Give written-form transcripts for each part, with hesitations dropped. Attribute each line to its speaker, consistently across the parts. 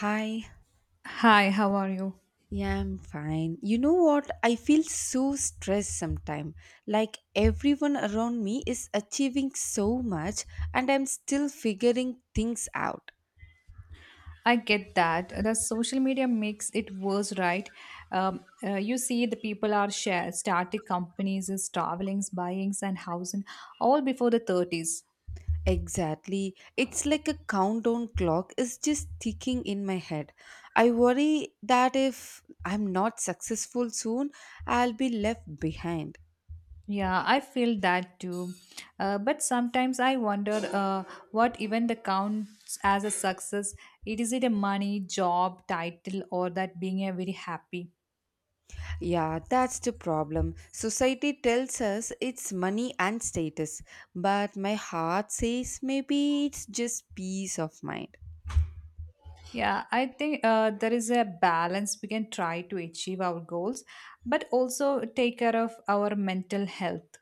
Speaker 1: Hi,
Speaker 2: Hi, how are you?
Speaker 1: yeah, I'm fine. You know what? I feel so stressed sometimes. Like everyone around me is achieving so much and I'm still figuring things out.
Speaker 2: I get that. The social media makes it worse, right? You see, the people are share starting companies, is traveling, buyings, and housing all before the 30s.
Speaker 1: Exactly. It's like a countdown clock is just ticking in my head. I worry that if I'm not successful soon, I'll be left behind.
Speaker 2: Yeah, I feel that too. But sometimes I wonder what even the counts as a success. It is it a money, job, title, or that being a very happy?
Speaker 1: Yeah, that's the problem. Society tells us it's money and status, but my heart says maybe it's just peace of mind.
Speaker 2: Yeah, I think there is a balance we can try to achieve our goals, but also take care of our mental health.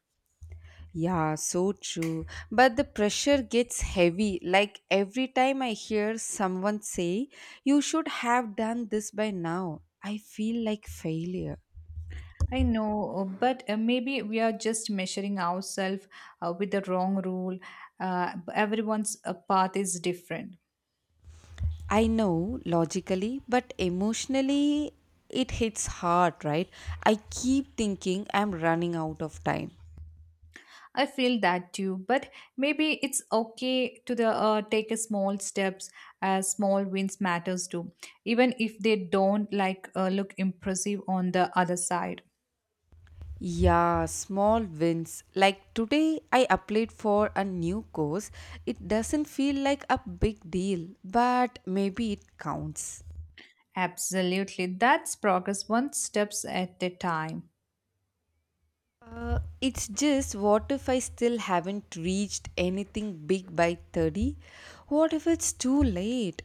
Speaker 1: Yeah, so true. But the pressure gets heavy. Like every time I hear someone say, you should have done this by now, I feel like failure.
Speaker 2: I know, but maybe we are just measuring ourselves with the wrong rule. Everyone's path is different.
Speaker 1: I know logically, but emotionally, it hits hard, right? I keep thinking I'm running out of time.
Speaker 2: I feel that too, but maybe it's okay to the take a small steps. Small wins matters too, even if they don't like look impressive on the other side.
Speaker 1: Yeah, small wins. Like today, I applied for a new course. It doesn't feel like a big deal, but maybe it counts.
Speaker 2: Absolutely. That's progress one steps at a time.
Speaker 1: It's just what if I still haven't reached anything big by 30? What if it's too late?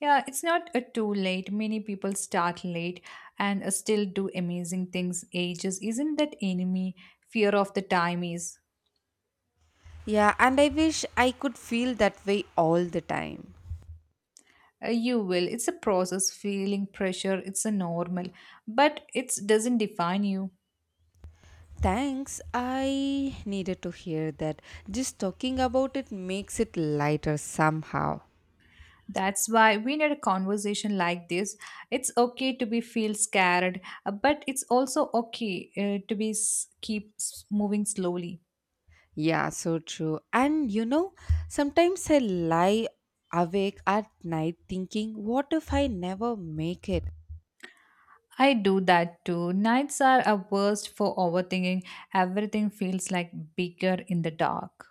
Speaker 2: Yeah, it's not a too late. Many people start late and still do amazing things. Ages isn't that enemy. Fear of the time is.
Speaker 1: Yeah, and I wish I could feel that way all the time.
Speaker 2: You will. It's a process. Feeling pressure, it's a normal. But it doesn't define you.
Speaker 1: Thanks, I needed to hear that. Just talking about it makes it lighter somehow.
Speaker 2: That's why we need a conversation like this. It's okay to be feel scared, but it's also okay to be s- keep s- moving slowly.
Speaker 1: Yeah, so true. And you know, sometimes I lie awake at night thinking, what if I never make it?
Speaker 2: I do that too. Nights are a worst for overthinking. Everything feels like bigger in the dark.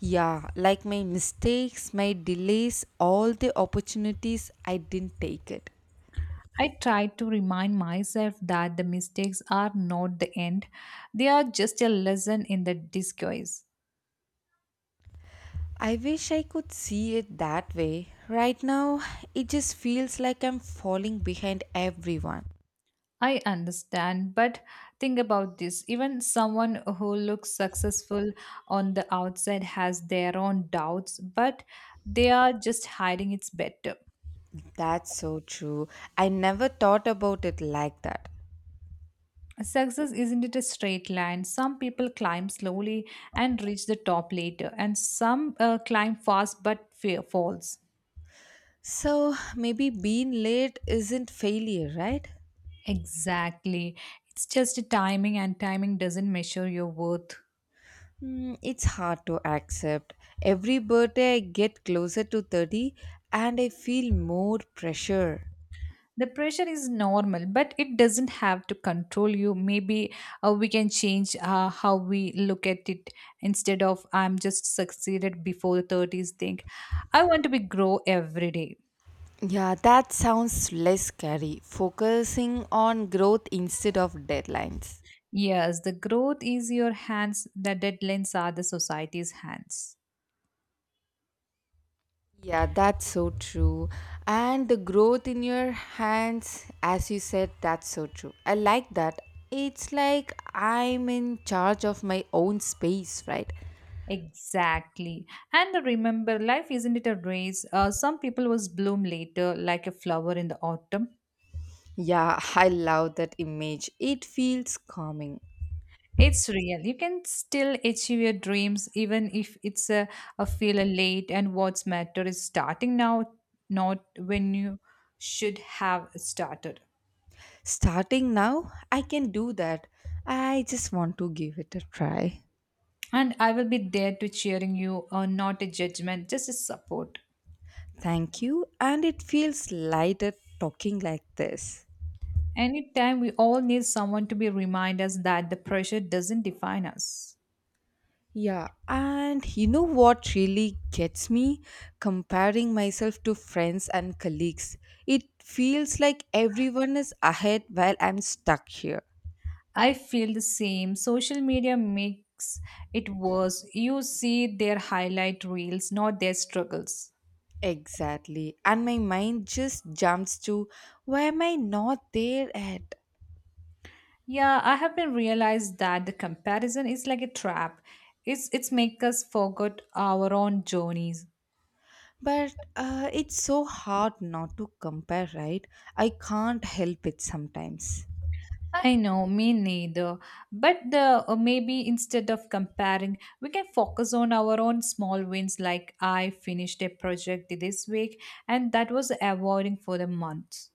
Speaker 1: Yeah, like my mistakes, my delays, all the opportunities I didn't take it.
Speaker 2: I try to remind myself that the mistakes are not the end. They are just a lesson in the disguise.
Speaker 1: I wish I could see it that way. Right now, it just feels like I'm falling behind everyone.
Speaker 2: I understand, but think about this. Even someone who looks successful on the outside has their own doubts, but they are just hiding it's better.
Speaker 1: That's so true. I never thought about it like that.
Speaker 2: Success isn't it a straight line? Some people climb slowly and reach the top later, and some climb fast but fear falls.
Speaker 1: So maybe being late isn't failure, right?
Speaker 2: Exactly. It's just a timing, and timing doesn't measure your worth.
Speaker 1: Mm, it's hard to accept. Every birthday I get closer to 30 and I feel more pressure.
Speaker 2: The pressure is normal, but it doesn't have to control you. Maybe we can change how we look at it instead of I'm just succeeded before the 30s. Think I want to be grow every day.
Speaker 1: Yeah, that sounds less scary, focusing on growth instead of deadlines.
Speaker 2: Yes, the growth is your hands, the deadlines are the society's hands.
Speaker 1: Yeah, that's so true. And the growth in your hands, as you said, that's so true. I like that. It's like I'm in charge of my own space, right?
Speaker 2: Exactly. And remember, life isn't it a race? Some people was bloom later like a flower in the autumn.
Speaker 1: Yeah, I love that image. It feels calming.
Speaker 2: It's real. You can still achieve your dreams even if it's a feel late and what's matter is starting now, not when you should have started.
Speaker 1: Starting now, I can do that. I just want to give it a try.
Speaker 2: And I will be there to cheering you, not a judgment, just a support.
Speaker 1: Thank you, and it feels lighter talking like this.
Speaker 2: Anytime we all need someone to be remind us that the pressure doesn't define us.
Speaker 1: Yeah, and you know what really gets me? Comparing myself to friends and colleagues. It feels like everyone is ahead while I'm stuck here.
Speaker 2: I feel the same. Social media makes it worse. You see their highlight reels, not their struggles.
Speaker 1: Exactly, and my mind just jumps to why am I not there at?
Speaker 2: Yeah, I have been realized that the comparison is like a trap. It's make us forget our own journeys.
Speaker 1: But it's so hard not to compare, right? I can't help it sometimes.
Speaker 2: I know, me neither. But the maybe instead of comparing, we can focus on our own small wins. Like I finished a project this week, and that was awarding for the month.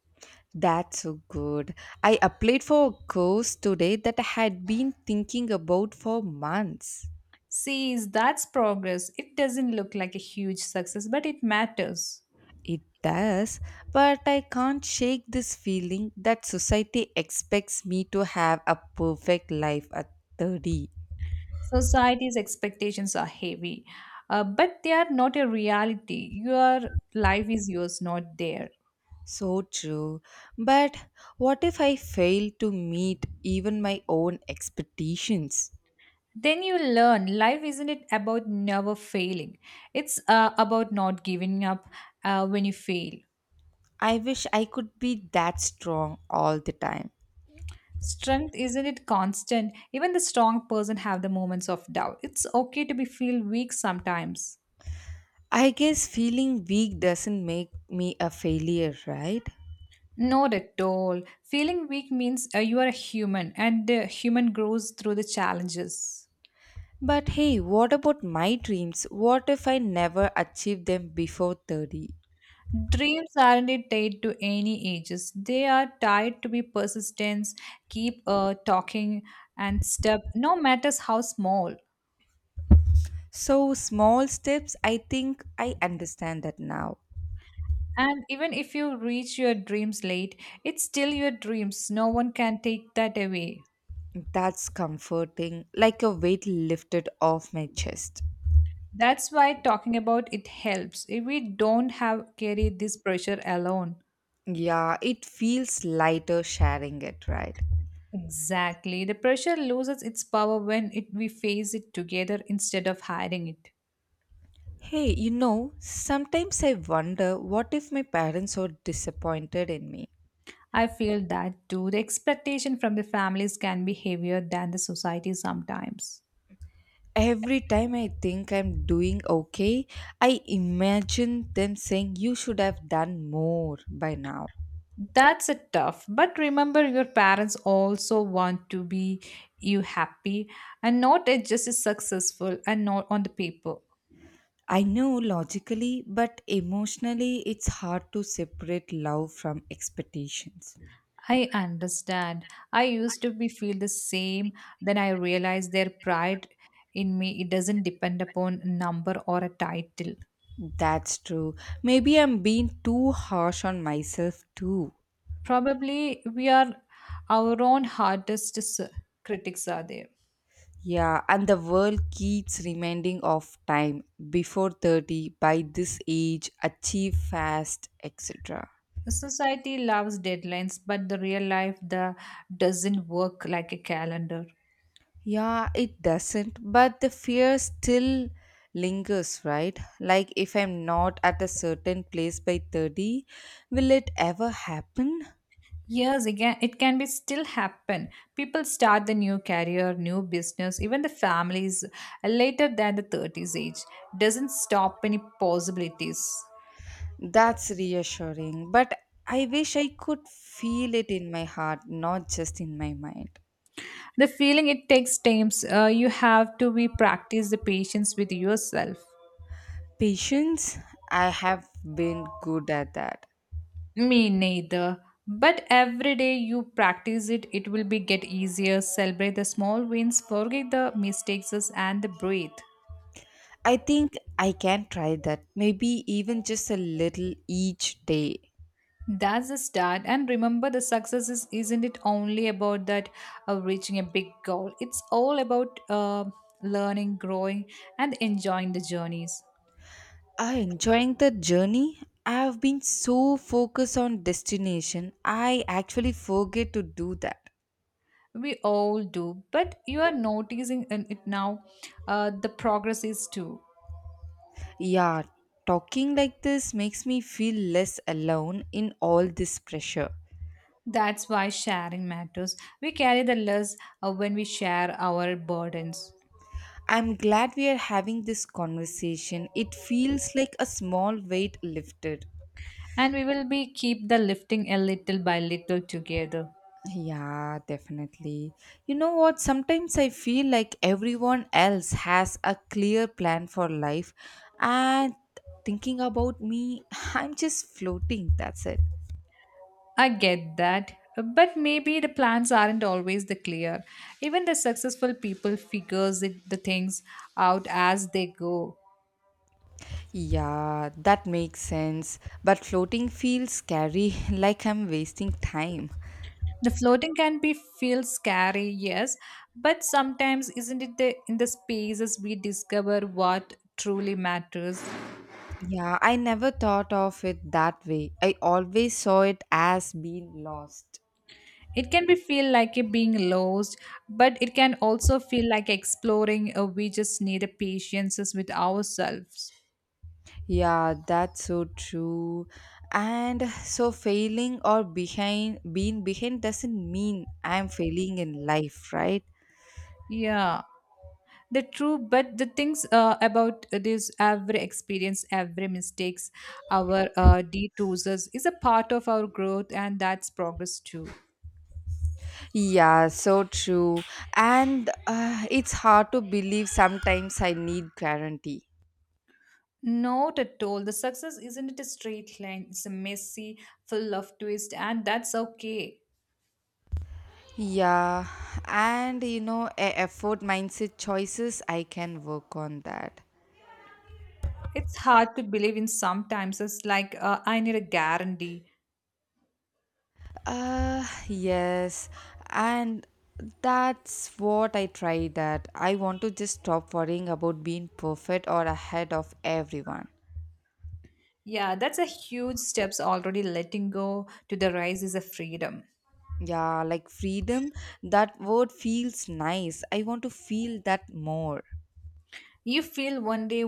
Speaker 1: That's so good. I applied for a course today that I had been thinking about for months.
Speaker 2: See, that's progress. It doesn't look like a huge success, but it matters.
Speaker 1: It does, but I can't shake this feeling that society expects me to have a perfect life at 30.
Speaker 2: Society's expectations are heavy, but they are not a reality. Your life is yours, not theirs.
Speaker 1: So true. But what if I fail to meet even my own expectations?
Speaker 2: Then you learn life isn't it about never failing, it's about not giving up when you fail.
Speaker 1: I wish I could be that strong all the time.
Speaker 2: Strength isn't it constant, even the strong person have the moments of doubt, it's okay to be feel weak sometimes.
Speaker 1: I guess feeling weak doesn't make me a failure, right?
Speaker 2: Not at all, feeling weak means you are a human and the human grows through the challenges.
Speaker 1: But hey, what about my dreams? What if I never achieve them before 30?
Speaker 2: Dreams aren't it tied to any ages, they are tied to be persistence. Keep talking and step no matters how small.
Speaker 1: So, small steps, I think I understand that now.
Speaker 2: And even if you reach your dreams late, it's still your dreams. No one can take that away.
Speaker 1: That's comforting, like a weight lifted off my chest.
Speaker 2: That's why talking about it helps. If we don't have carry this pressure alone.
Speaker 1: Yeah, it feels lighter sharing it, right?
Speaker 2: Exactly. The pressure loses its power when it, we face it together instead of hiding it.
Speaker 1: Hey, you know, sometimes I wonder what if my parents are disappointed in me.
Speaker 2: I feel that too. The expectation from the families can be heavier than the society sometimes.
Speaker 1: Every time I think I'm doing okay, I imagine them saying, you should have done more by now.
Speaker 2: That's a tough, but remember your parents also want to be you happy and not just as successful and not on the paper.
Speaker 1: I know logically, but emotionally, it's hard to separate love from expectations.
Speaker 2: I understand. I used to be feel the same. Then I realized their pride in me. It doesn't depend upon number or a title.
Speaker 1: That's true. Maybe I'm being too harsh on myself too.
Speaker 2: Probably we are our own hardest critics are there.
Speaker 1: Yeah, and the world keeps reminding of time before 30, by this age, achieve fast, etc.
Speaker 2: Society loves deadlines, but the real life the doesn't work like a calendar.
Speaker 1: Yeah, it doesn't, but the fear still lingers, right? Like, if I'm not at a certain place by 30, will it ever happen?
Speaker 2: Years again, it can be still happen. People start the new career, new business, even the families later than the 30s age. Doesn't stop any possibilities.
Speaker 1: That's reassuring, but I wish I could feel it in my heart, not just in my mind.
Speaker 2: The feeling it takes times. You have to be practice the patience with yourself.
Speaker 1: Patience, I have been good at that.
Speaker 2: Me neither. But every day you practice it, it will be get easier. Celebrate the small wins, forget the mistakes and the breathe.
Speaker 1: I think I can try that. Maybe even just a little each day.
Speaker 2: That's the start. And remember, the success is, isn't it only about that reaching a big goal? It's all about learning, growing, and enjoying the journeys.
Speaker 1: I enjoying the journey. I have been so focused on destination. I actually forget to do that.
Speaker 2: We all do, but you are noticing in it now. The progress is too.
Speaker 1: Yeah, talking like this makes me feel less alone in all this pressure.
Speaker 2: That's why sharing matters. We carry the less when we share our burdens,
Speaker 1: I'm glad we are having this conversation. It feels like a small weight lifted.
Speaker 2: and we will be keep the lifting a little by little together.
Speaker 1: Yeah, definitely. You know what? Sometimes I feel like everyone else has a clear plan for life, and thinking about me, I'm just floating. That's it.
Speaker 2: I get that. But maybe the plans aren't always the clear. Even the successful people figures it, the things out as they go.
Speaker 1: Yeah, that makes sense. But floating feels scary, like I'm wasting time.
Speaker 2: The floating can be feel scary, yes, but sometimes isn't it the in the spaces we discover what truly matters?
Speaker 1: Yeah, I never thought of it that way. I always saw it as being lost.
Speaker 2: It can be feel like it being lost, but it can also feel like exploring. Or we just need a patience with ourselves.
Speaker 1: Yeah, that's so true. And so failing or behind being behind doesn't mean I'm failing in life, right?
Speaker 2: Yeah. The true but the things about this, every experience, every mistakes, our detours is a part of our growth and that's progress too.
Speaker 1: Yeah, so true. And it's hard to believe sometimes I need guarantee.
Speaker 2: Not at all, the success isn't a straight line, it's a messy full of twist and that's okay.
Speaker 1: Yeah, and you know, a effort mindset choices I can work on that.
Speaker 2: It's hard to believe in sometimes, it's like I need a guarantee.
Speaker 1: Yes, and that's what I try that. I want to just stop worrying about being perfect or ahead of everyone.
Speaker 2: Yeah, that's a huge steps already, letting go to the rise is a freedom.
Speaker 1: Yeah, like freedom, that word feels nice. I want to feel that more.
Speaker 2: You feel one day.